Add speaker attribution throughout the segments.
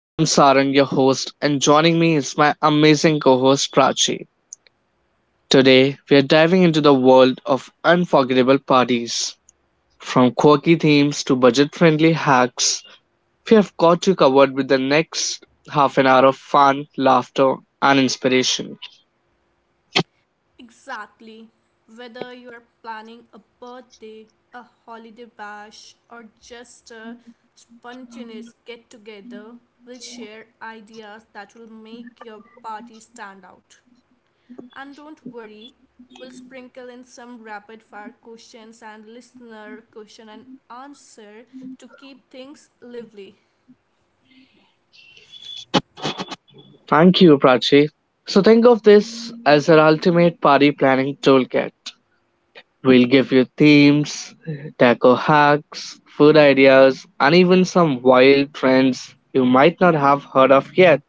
Speaker 1: I'm Sarang, your host, and joining me is my amazing co host Prachi. Today, we are diving into the world of unforgettable parties. From quirky themes to budget friendly hacks, we have got you covered with the next half an hour of fun, laughter, and inspiration.
Speaker 2: Exactly. Whether you are planning a birthday, a holiday bash, or just a spontaneous get together, we'll share ideas that will make your party stand out. And don't worry, we'll sprinkle in some rapid fire questions and listener question and answer to keep things lively.
Speaker 1: Thank you, Prachi. So, think of this as our ultimate party planning toolkit. We'll give you themes, taco hacks, food ideas, and even some wild trends you might not have heard of yet.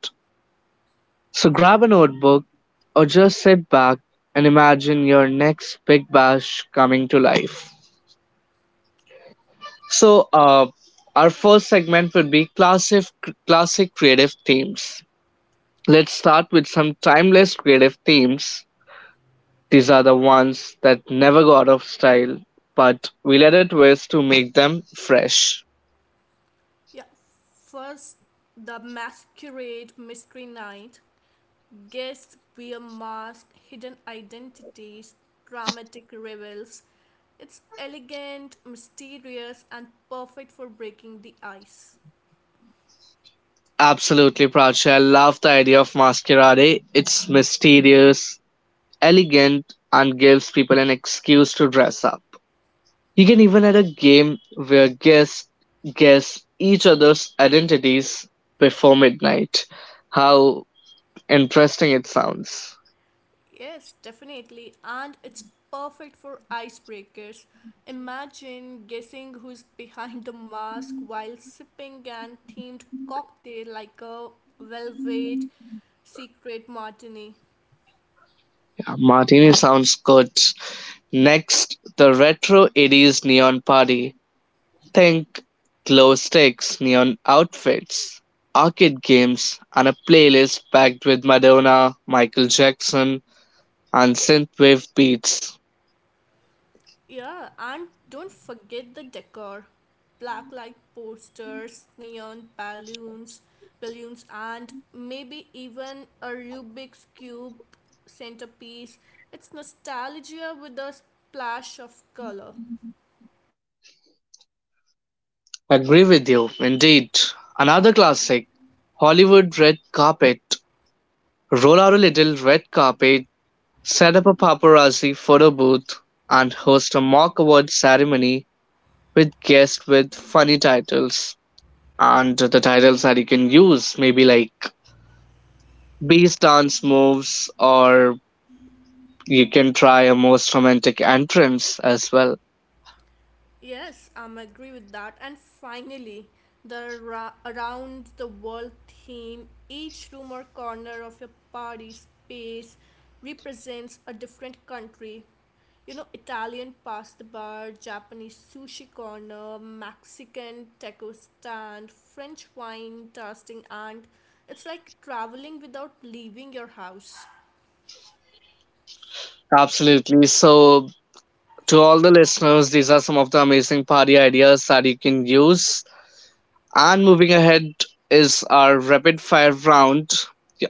Speaker 1: So grab a notebook or just sit back and imagine your next big bash coming to life. So, uh, our first segment would be classic creative themes. Let's start with some timeless creative themes. These are the ones that never go out of style, but we will add a twist to make them fresh.
Speaker 2: Yeah, first the masquerade mystery night. Guests wear masks, hidden identities, dramatic reveals. It's elegant, mysterious, and perfect for breaking the ice.
Speaker 1: Absolutely, Prachi. I love the idea of masquerade. It's mysterious, elegant, and gives people an excuse to dress up. You can even add a game where guests guess each other's identities before midnight. How interesting it sounds.
Speaker 2: Yes, definitely. And it's perfect for icebreakers. Imagine guessing who's behind the mask while sipping an themed cocktail like a velvet secret martini.
Speaker 1: Yeah, Martini sounds good. Next, the retro 80s neon party. Think glow sticks, neon outfits, arcade games, and a playlist packed with Madonna, Michael Jackson, and synthwave beats.
Speaker 2: Yeah, and don't forget the decor. Black light posters, neon balloons, and maybe even a Rubik's cube centerpiece. It's nostalgia with a splash of color.
Speaker 1: Agree with you, indeed. Another classic Hollywood red carpet. Roll out a little red carpet, set up a paparazzi photo booth, and host a mock award ceremony with guests with funny titles. And the titles that you can use may be like Beast dance moves, or you can try a most romantic entrance as well.
Speaker 2: Yes, I'm agree with that. And finally, around the world theme, each room or corner of your party space represents a different country. You know, Italian pasta bar, Japanese sushi corner, Mexican taco stand, French wine tasting, and it's like traveling without leaving your house.
Speaker 1: Absolutely. So, to all the listeners, these are some of the amazing party ideas that you can use. And moving ahead is our rapid fire round.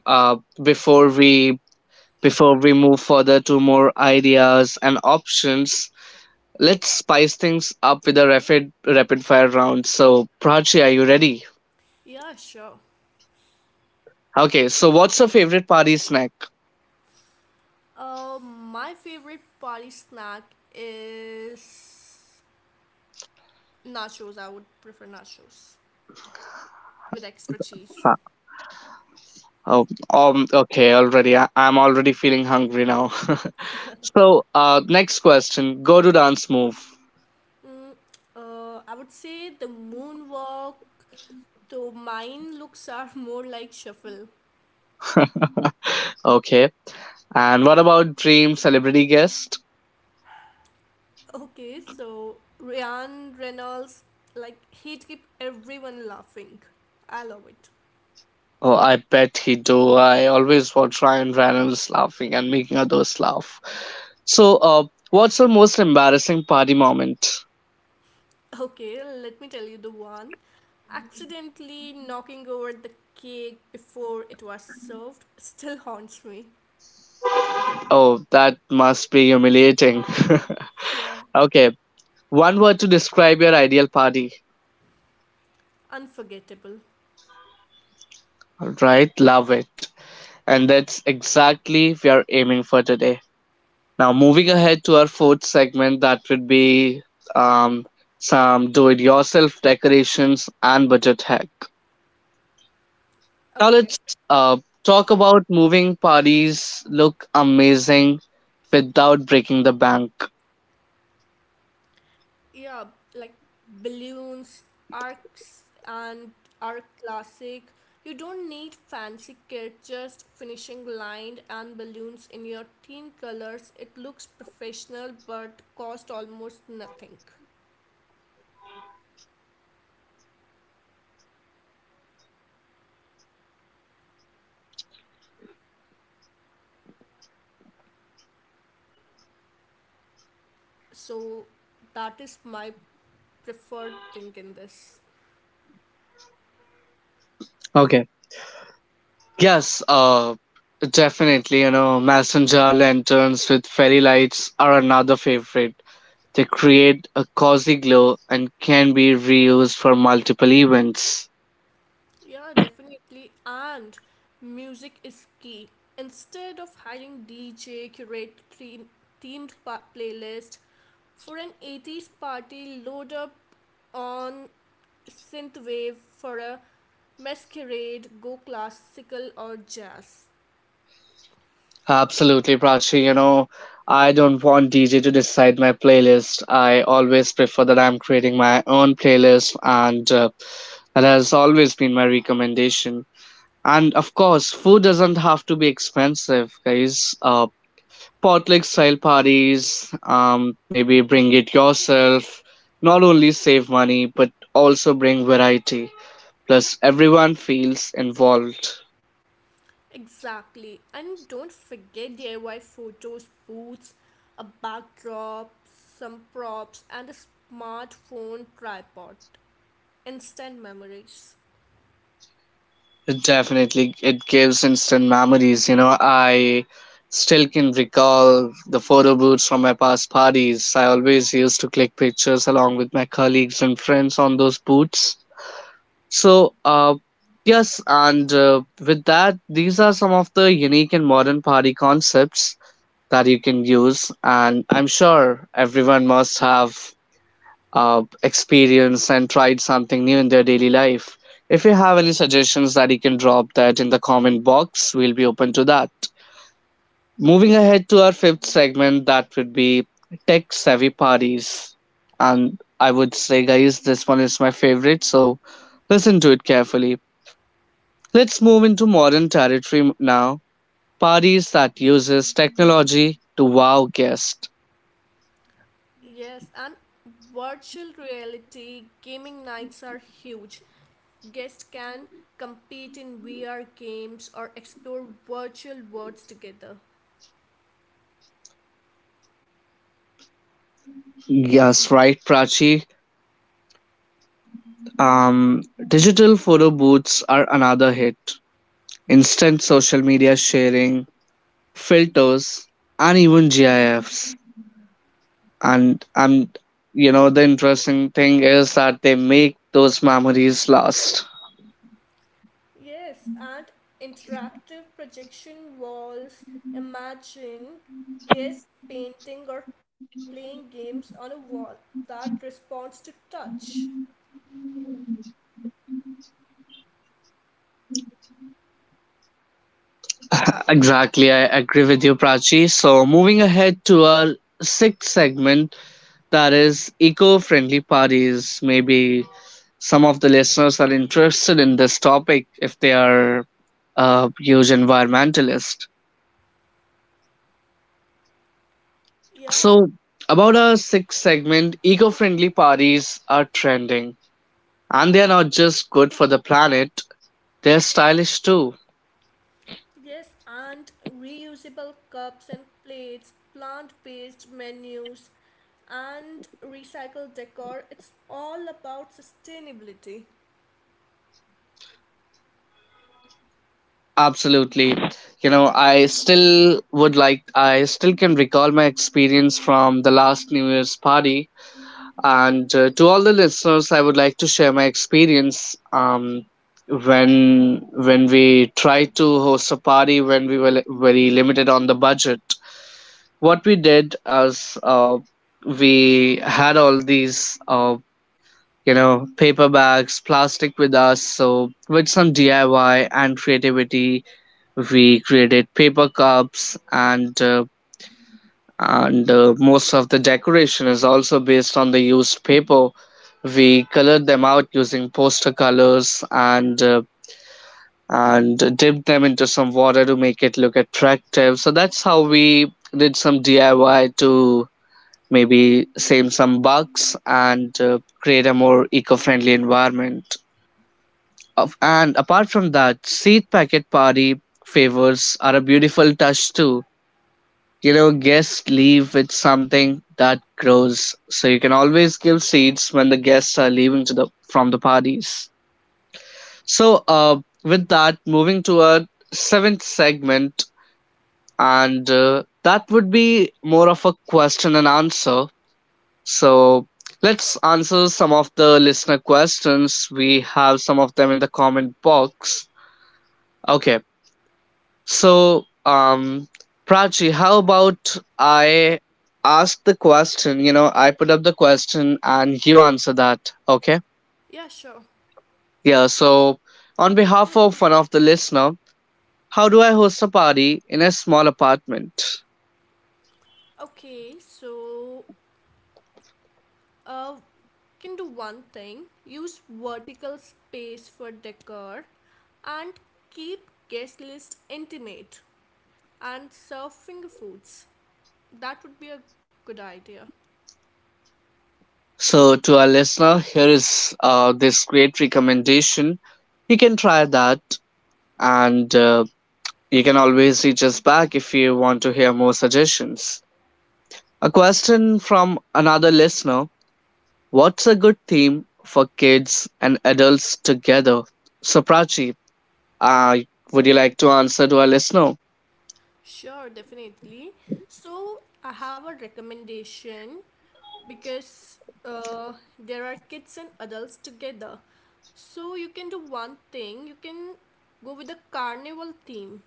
Speaker 1: Uh, Before we move further to more ideas and options, let's spice things up with a rapid fire round. So, Prachi, are you ready?
Speaker 2: Yeah, sure.
Speaker 1: Okay. So, what's your favorite party snack?
Speaker 2: My favorite party snack is nachos. I would prefer nachos with extra cheese.
Speaker 1: Oh, okay, already. I'm already feeling hungry now. So, next question go to dance move.
Speaker 2: Mm, I would say the moonwalk. Though mine looks are more like shuffle.
Speaker 1: Okay. And what about dream celebrity guest?
Speaker 2: Okay, so Ryan Reynolds, like he keep everyone laughing. I love it.
Speaker 1: Oh, I bet he do. I always watch Ryan Reynolds laughing and making others laugh. So, what's your most embarrassing party moment?
Speaker 2: Okay, let me tell you the one. Accidentally knocking over the cake before it was served still haunts me.
Speaker 1: Oh, that must be humiliating.
Speaker 2: Yeah,
Speaker 1: okay. One word to describe your ideal party.
Speaker 2: unforgettable.
Speaker 1: All right. Love it. And that's exactly we are aiming for today. Now, moving ahead to our fourth segment, that would be um, some do it yourself decorations and budget hack. Now, let's
Speaker 2: Okay,
Speaker 1: uh, talk about moving parties look amazing without breaking the bank.
Speaker 2: yeah, like balloons, arcs and are classic. You don't need fancy kit, just finishing line and balloons in your team colors. It looks professional but cost almost nothing. So that is my preferred thing in this.
Speaker 1: Okay. Yes, definitely. You know, messenger lanterns with fairy lights are another favorite. They create a cozy glow and can be reused for multiple events.
Speaker 2: Yeah, definitely. And music is key. Instead of hiring dj, curate themed playlist. For an 80s party, load up on synthwave. For a masquerade, go classical or jazz.
Speaker 1: Absolutely, Prachi. You know, I don't want DJ to decide my playlist. I always prefer that I'm creating my own playlist, and that has always been my recommendation. And of course, food doesn't have to be expensive, guys. Potluck style parties, maybe bring it yourself. Not only save money, but also bring variety. Plus, everyone feels involved.
Speaker 2: Exactly. And don't forget DIY photos, booths, a backdrop, some props, and a smartphone tripod. Instant memories.
Speaker 1: Definitely, it gives instant memories. You know, I still can recall the photo booths from my past parties. I always used to click pictures along with my colleagues and friends on those booths. So, yes, and With that, these are some of the unique and modern party concepts that you can use. And I'm sure everyone must have experienced and tried something new in their daily life. If you have any suggestions that you can drop that in the comment box, we'll be open to that. Moving ahead to our fifth segment, that would be tech savvy parties. And I would say, guys, this one is my favorite, so listen to it carefully. Let's move into modern territory now. Parties that uses technology to wow guests.
Speaker 2: Yes, and virtual reality gaming nights are huge. Guests can compete in VR games or explore virtual worlds together.
Speaker 1: Yes, right, Prachi. Um, Digital photo booths are another hit. Instant social media sharing, filters, and even GIFs. And you know the interesting thing is that they make those memories last.
Speaker 2: Yes, and interactive projection walls. Imagine guests painting or playing games on a wall that responds to touch.
Speaker 1: Exactly, I agree with you, Prachi. So moving ahead to our sixth segment, that is eco-friendly parties. Maybe some of the listeners are interested in this topic if they are a huge environmentalist.
Speaker 2: Yeah.
Speaker 1: So, about our sixth segment, eco friendly parties are trending. And they are not just good for the planet, they're stylish too.
Speaker 2: Yes, and reusable cups and plates, plant based menus, and recycled decor. It's all about sustainability.
Speaker 1: Absolutely. You know, I still can recall my experience from the last New Year's party. And to all the listeners, I would like to share my experience when we tried to host a party when we were very limited on the budget. What we did is, we had all these you know, paper bags, plastic with us. So with some DIY and creativity, we created paper cups and most of the decoration is also based on the used paper. We colored them out using poster colors and dipped them into some water to make it look attractive. So that's how we did some DIY to maybe save some bucks and create a more eco-friendly environment. And apart from that, seed packet party favors are a beautiful touch too. You know, guests leave with something that grows, so you can always give seeds when the guests are leaving to the from the parties. So, with that, moving to our seventh segment, and that would be more of a question and answer. So let's answer some of the listener questions. We have some of them in the comment box. Okay. So, Prachi, how about I ask the question? You know, I put up the question and you answer that. Okay.
Speaker 2: Yeah, sure.
Speaker 1: Yeah. So, on behalf of one of the listener, how do I host a party in a small apartment?
Speaker 2: Okay, so uh, can do one thing. Use vertical space for decor, and keep guest list intimate and serve finger foods. That would be a good idea.
Speaker 1: So, to our listener, here is this great recommendation. You can try that, and you can always reach us back if you want to hear more suggestions. A question from another listener. What's a good theme for kids and adults together? So, Prachi, uh, would you like to answer to our listener?
Speaker 2: Sure, definitely. So I have a recommendation because uh, there are kids and adults together. So you can do one thing. You can go with the carnival theme,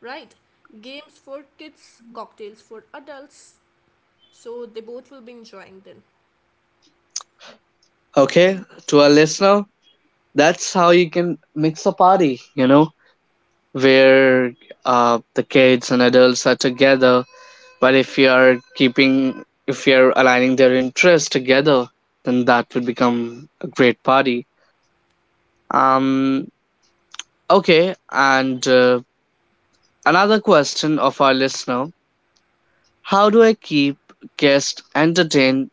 Speaker 2: right? Games for kids, cocktails for adults. So they both will be enjoying them.
Speaker 1: Okay, to our listener, that's how you can mix a party, you know, where the kids and adults are together. But if you're aligning their interests together, then that will become a great party. Um, okay, and Another question of our listener. How do I keep guests entertained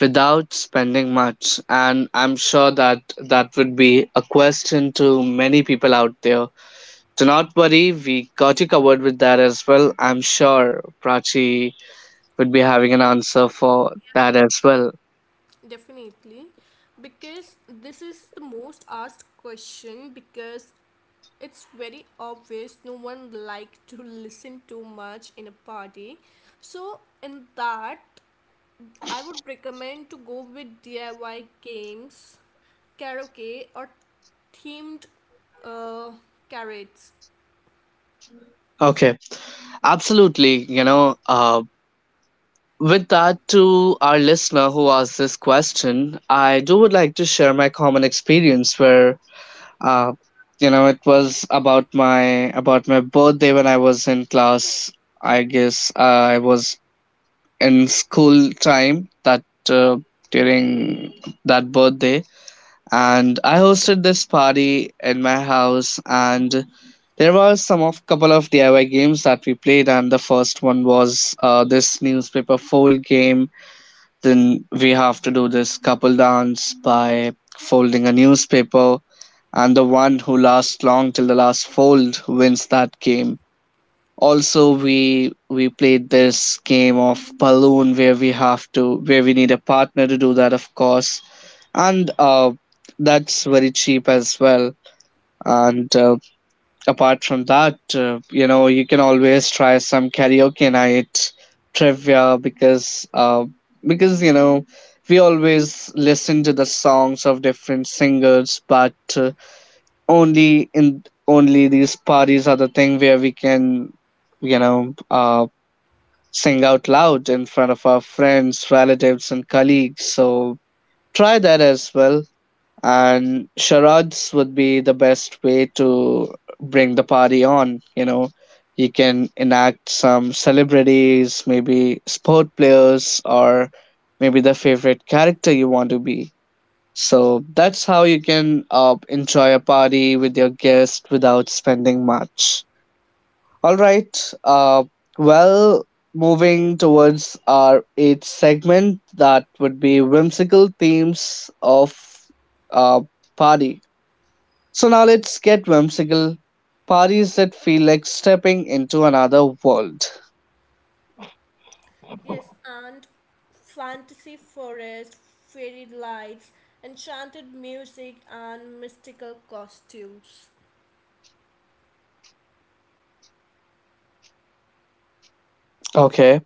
Speaker 1: without spending much? And I'm sure that would be a question to many people out there. Do not worry, we got you covered with that as well. I'm sure Prachi would be having an answer for that as well.
Speaker 2: Definitely. Because this is the most asked question, because it's very obvious no one likes to listen too much in a party. So in that I would recommend to go with DIY games, karaoke or themed uh, carrots.
Speaker 1: Okay, absolutely. You know, with that, to our listener who asked this question, I do would like to share my common experience where uh you know, it was about my birthday when I was in class. I guess I was in school time that uh, during that birthday, and I hosted this party in my house, and there were some of couple of DIY games that we played. And the first one was this newspaper fold game. Then we have to do this couple dance by folding a newspaper, and the one who lasts long till the last fold wins that game. Also, we played this game of balloon where we have to where we need a partner to do that, of course, and that's very cheap as well. And Apart from that, you know, you can always try some karaoke night trivia because you know, we always listen to the songs of different singers, but only in only these parties are the thing where we can you know uh sing out loud in front of our friends, relatives, and colleagues. So try that as well, and charades would be the best way to bring the party on. You know, you can enact some celebrities, maybe sport players or maybe the favorite character you want to be. So that's how you can enjoy a party with your guest without spending much. All right. Well, moving towards our eighth segment, that would be whimsical themes of uh, party. So now let's get whimsical parties that feel like stepping into another world.
Speaker 2: Yes, and fantasy forest, fairy lights, enchanted music, and mystical costumes.
Speaker 1: Okay,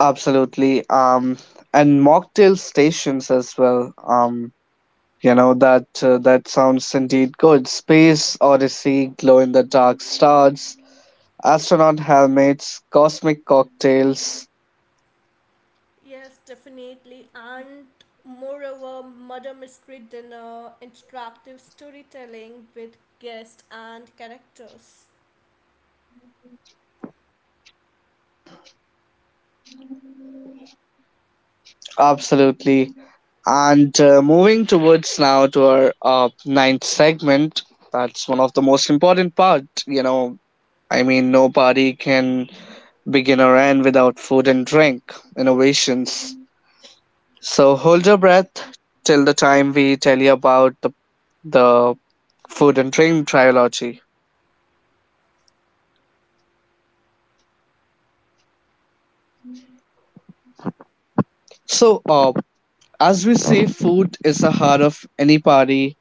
Speaker 1: absolutely. And mocktail stations as well. You know that that sounds indeed good. Space Odyssey, glow in the dark stars, astronaut helmets, cosmic cocktails.
Speaker 2: Yes, definitely. And moreover, murder mystery dinner, interactive storytelling with guests and characters.
Speaker 1: Absolutely. And moving towards now to our ninth segment. That's one the most important part. You know, I mean, no party can begin or end without food and drink innovations. So hold your breath till the time we tell you about the food and drink trilogy. So, as we say, food is the heart of any party.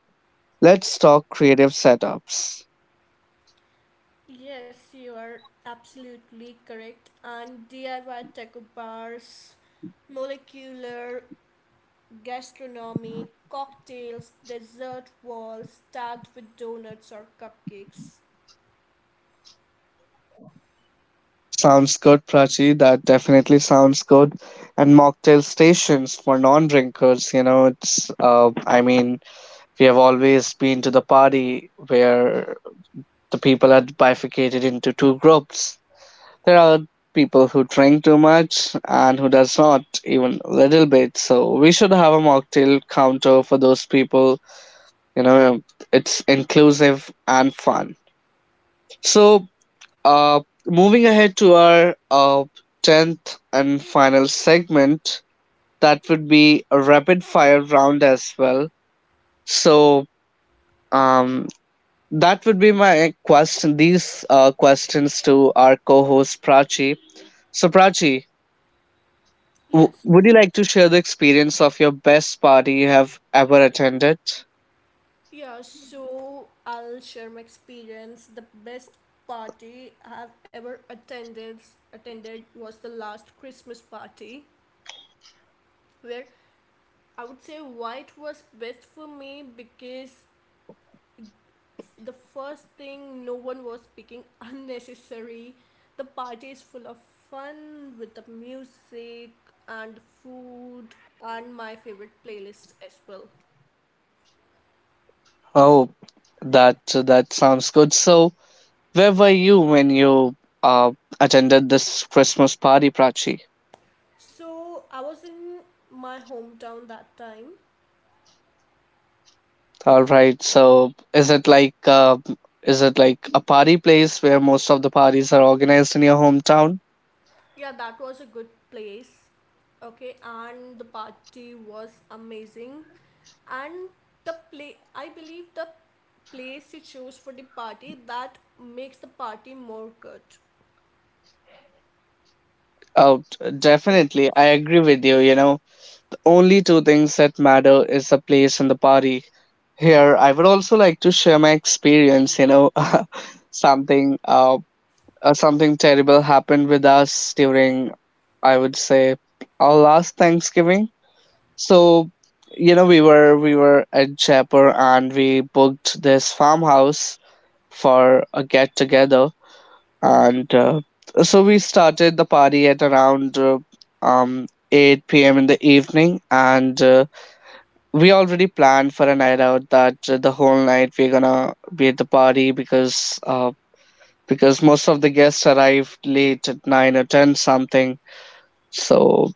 Speaker 1: Let's talk creative setups.
Speaker 2: Yes, you are absolutely correct. And DIY taco bars, molecular gastronomy, cocktails, dessert walls stacked with donuts or cupcakes.
Speaker 1: Sounds good, Prachi. That definitely sounds good. And mocktail stations for non-drinkers. You know, it's. I mean, we have always been to the party where the people are bifurcated into two groups. There are people who drink too much and who does not even a little bit. So we should have a mocktail counter for those people, you know it's inclusive and fun. So uh moving ahead to our 10th and final segment, that would be a rapid fire round as well. So um that would be my question, these questions to our co-host, Prachi. So, Prachi,
Speaker 2: Yes.
Speaker 1: would you like to share the experience of your best party you have ever attended?
Speaker 2: Yeah, so I'll share my experience. The best party I have ever attended was the last Christmas party, where I would say white was best for me, because the first thing no one was speaking unnecessary. The party is full of fun with the music and food and my favorite playlist as well.
Speaker 1: Oh, that that sounds good. So, where were you when you uh, attended this Christmas party, Prachi?
Speaker 2: So I was in my hometown that time.
Speaker 1: All right. So, is it like a party place where most of the parties are organized in your hometown?
Speaker 2: Yeah, that was a good place. Okay, and the party was amazing. And the play, I believe, the place you choose for the party, that makes the party more good.
Speaker 1: Oh, definitely. I
Speaker 2: Because
Speaker 1: agree with you. The only two things that matter is the place and the party. Here, I would also like to share my experience. Something uh, something terrible happened with us during, I would say, our last Thanksgiving. So, we were at Jaipur, and we booked this farmhouse for a get together, and so we started the party at around um 8 p.m. in the evening, and we already planned for a night out, that the whole night we're gonna be at the party, because most of the guests arrived late at 9 or 10 something. So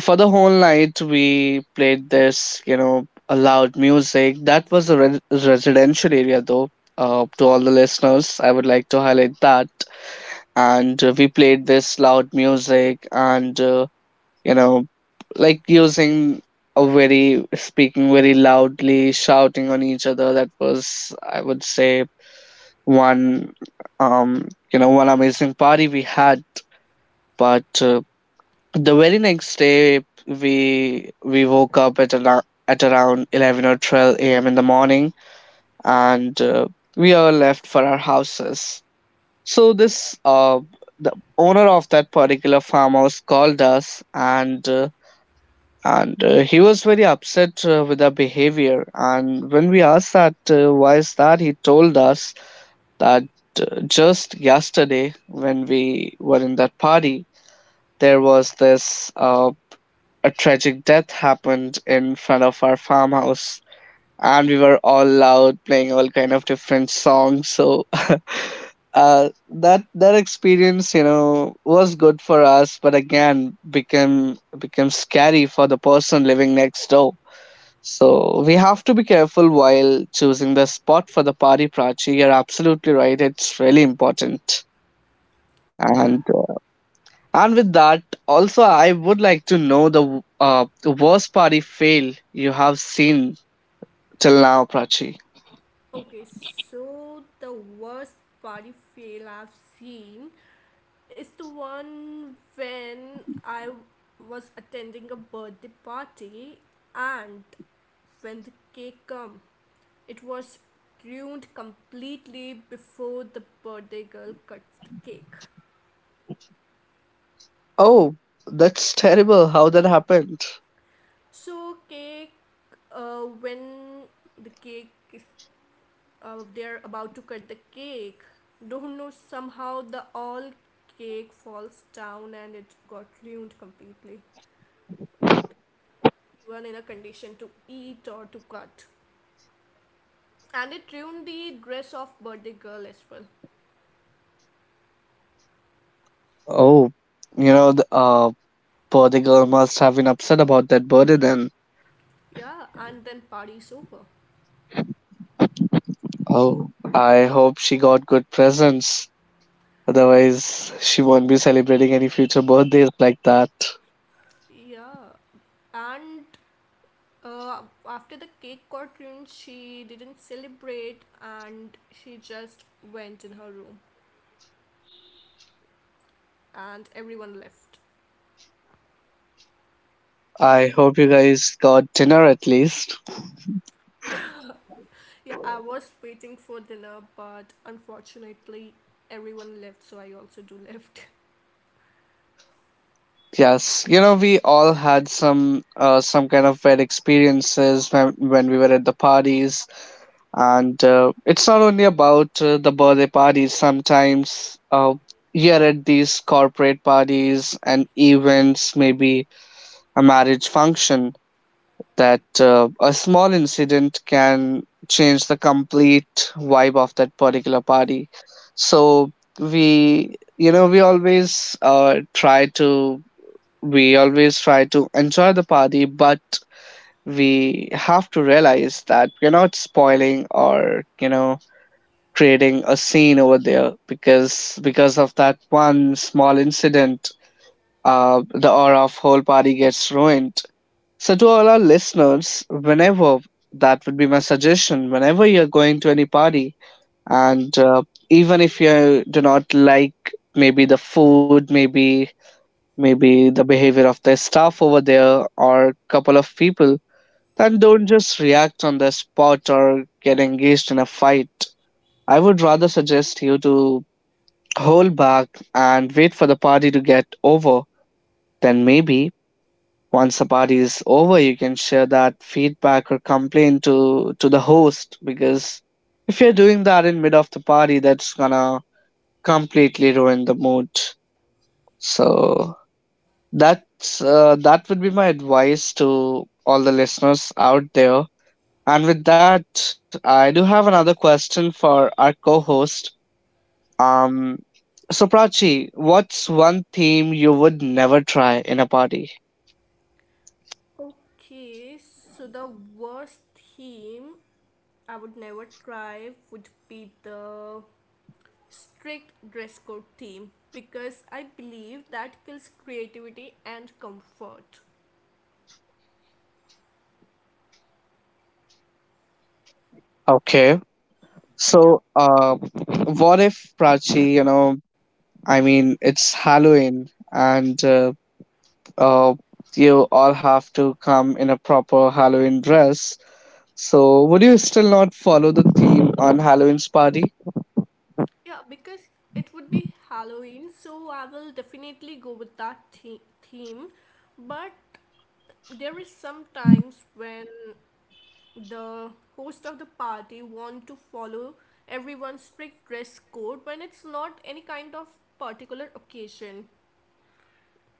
Speaker 1: for the whole night we played this, loud music. That was a residential area though. To all the listeners, I would like to highlight that. And we played this loud music. And you know like, using a very, speaking very loudly, shouting on each other. That was, I would say, one you know one amazing party we had. But the very next day, we woke up at around 11 or 12 a.m. in the morning, and we all left for our houses. So this the owner of that particular farmhouse called us, and he was very upset, with our behavior. And when we asked that, why is that, he told us that, just yesterday when we were in that party, there was this, a tragic death happened in front of our farmhouse, and we were all loud, playing all kind of different songs. So that experience, was good for us. But again became scary for the person living next door. So we have to be careful while choosing the spot for the party, Prachi. You're absolutely right, it's really important.
Speaker 2: yeah.
Speaker 1: And uh, and with that, also, I would like to know the worst party fail you have seen till now, Prachi.
Speaker 2: Okay, so the worst party fail I've seen is the one when I was attending a birthday party, and when the cake come, it was ruined completely before the birthday girl cut the cake.
Speaker 1: Oh, that's terrible. How that happened?
Speaker 2: So cake, when the cake is they're about to cut the cake. Don't know, somehow the all cake falls down and it got ruined completely. Not even in a condition to eat or to cut. And it ruined the dress of birthday girl as well.
Speaker 1: Oh, the poor the girl must have been upset about that burden. Then,
Speaker 2: Yeah, and then party's over.
Speaker 1: oh, I hope she got good presents. Otherwise, she won't be celebrating any future birthdays like that.
Speaker 2: Yeah, and after the cake got ruined, she didn't celebrate and she just went in her room and everyone left.
Speaker 1: I hope you guys got dinner at least.
Speaker 2: Yeah, I was waiting for dinner, but unfortunately, everyone left, so I also do left.
Speaker 1: Yes, we all had some kind of bad experiences when we were at the parties. And it's not only about, the birthday parties. Sometimes, here at these corporate parties and events, maybe a marriage function, that, a small incident can change the complete vibe of that particular party. So we always try to enjoy the party, but we have to realize that we're not spoiling or, creating a scene over there, because of that one small incident, the aura of whole party gets ruined. So, to all our listeners, whenever, that would be my suggestion, whenever you're going to any party, and even if you do not like, maybe the food, maybe the behavior of the staff over there, or couple of people, then don't just react on the spot or get engaged in a fight. I would rather suggest you to hold back and wait for the party to get over. Then maybe once the party is over, you can share that feedback or complaint to the host, because if you're doing that in mid of the party, that's gonna completely ruin the mood. So, that would be my advice to all the listeners out there. And with that, I do have another question for our co-host. Um, so, Prachi, what's one theme you would never try in a party?
Speaker 2: Okay, so the worst theme I would never try would be the strict dress code theme, because I believe that kills creativity and comfort.
Speaker 1: Okay. So,
Speaker 2: Yeah,
Speaker 1: what if, Prachi, I mean, it's Halloween and uh, you all have to come in a proper Halloween dress. So, would you still not follow the theme on Halloween's party?
Speaker 2: yeah, because it would be Halloween, so I will definitely go with that theme. But there is some times when the host of the party want to follow everyone's strict dress code, when it's not any kind of particular occasion,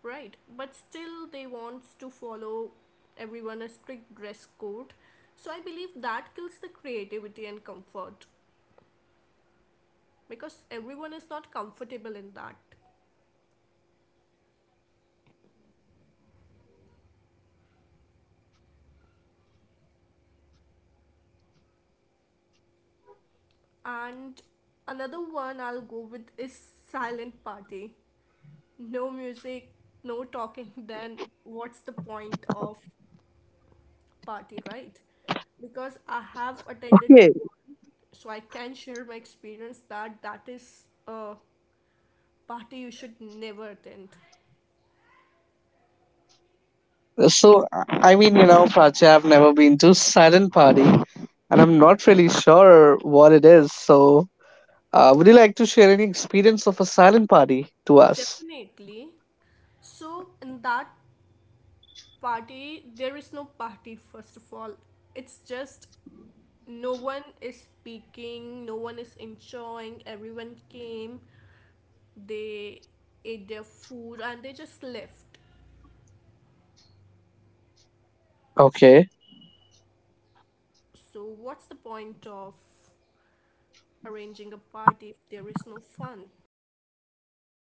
Speaker 2: right? But still they wants to follow everyone a strict dress code. So I believe that kills the creativity and comfort, because everyone is not comfortable in that. And another one I'll go with is silent party. No music, no talking, then what's the point of party, right? Because I have attended
Speaker 1: Okay,
Speaker 2: the one, so I can share my experience that that is a party you should never attend.
Speaker 1: so I mean, Prachi, I've never been to silent party, and I'm not really sure what it is. So, would you like to share any experience of a silent party to us?
Speaker 2: Definitely. So in that party, there is no party, first of all. It's just no one is speaking, no one is enjoying, everyone came, they ate their food and they just left.
Speaker 1: Okay.
Speaker 2: So what's the point of arranging a party if there is no fun? The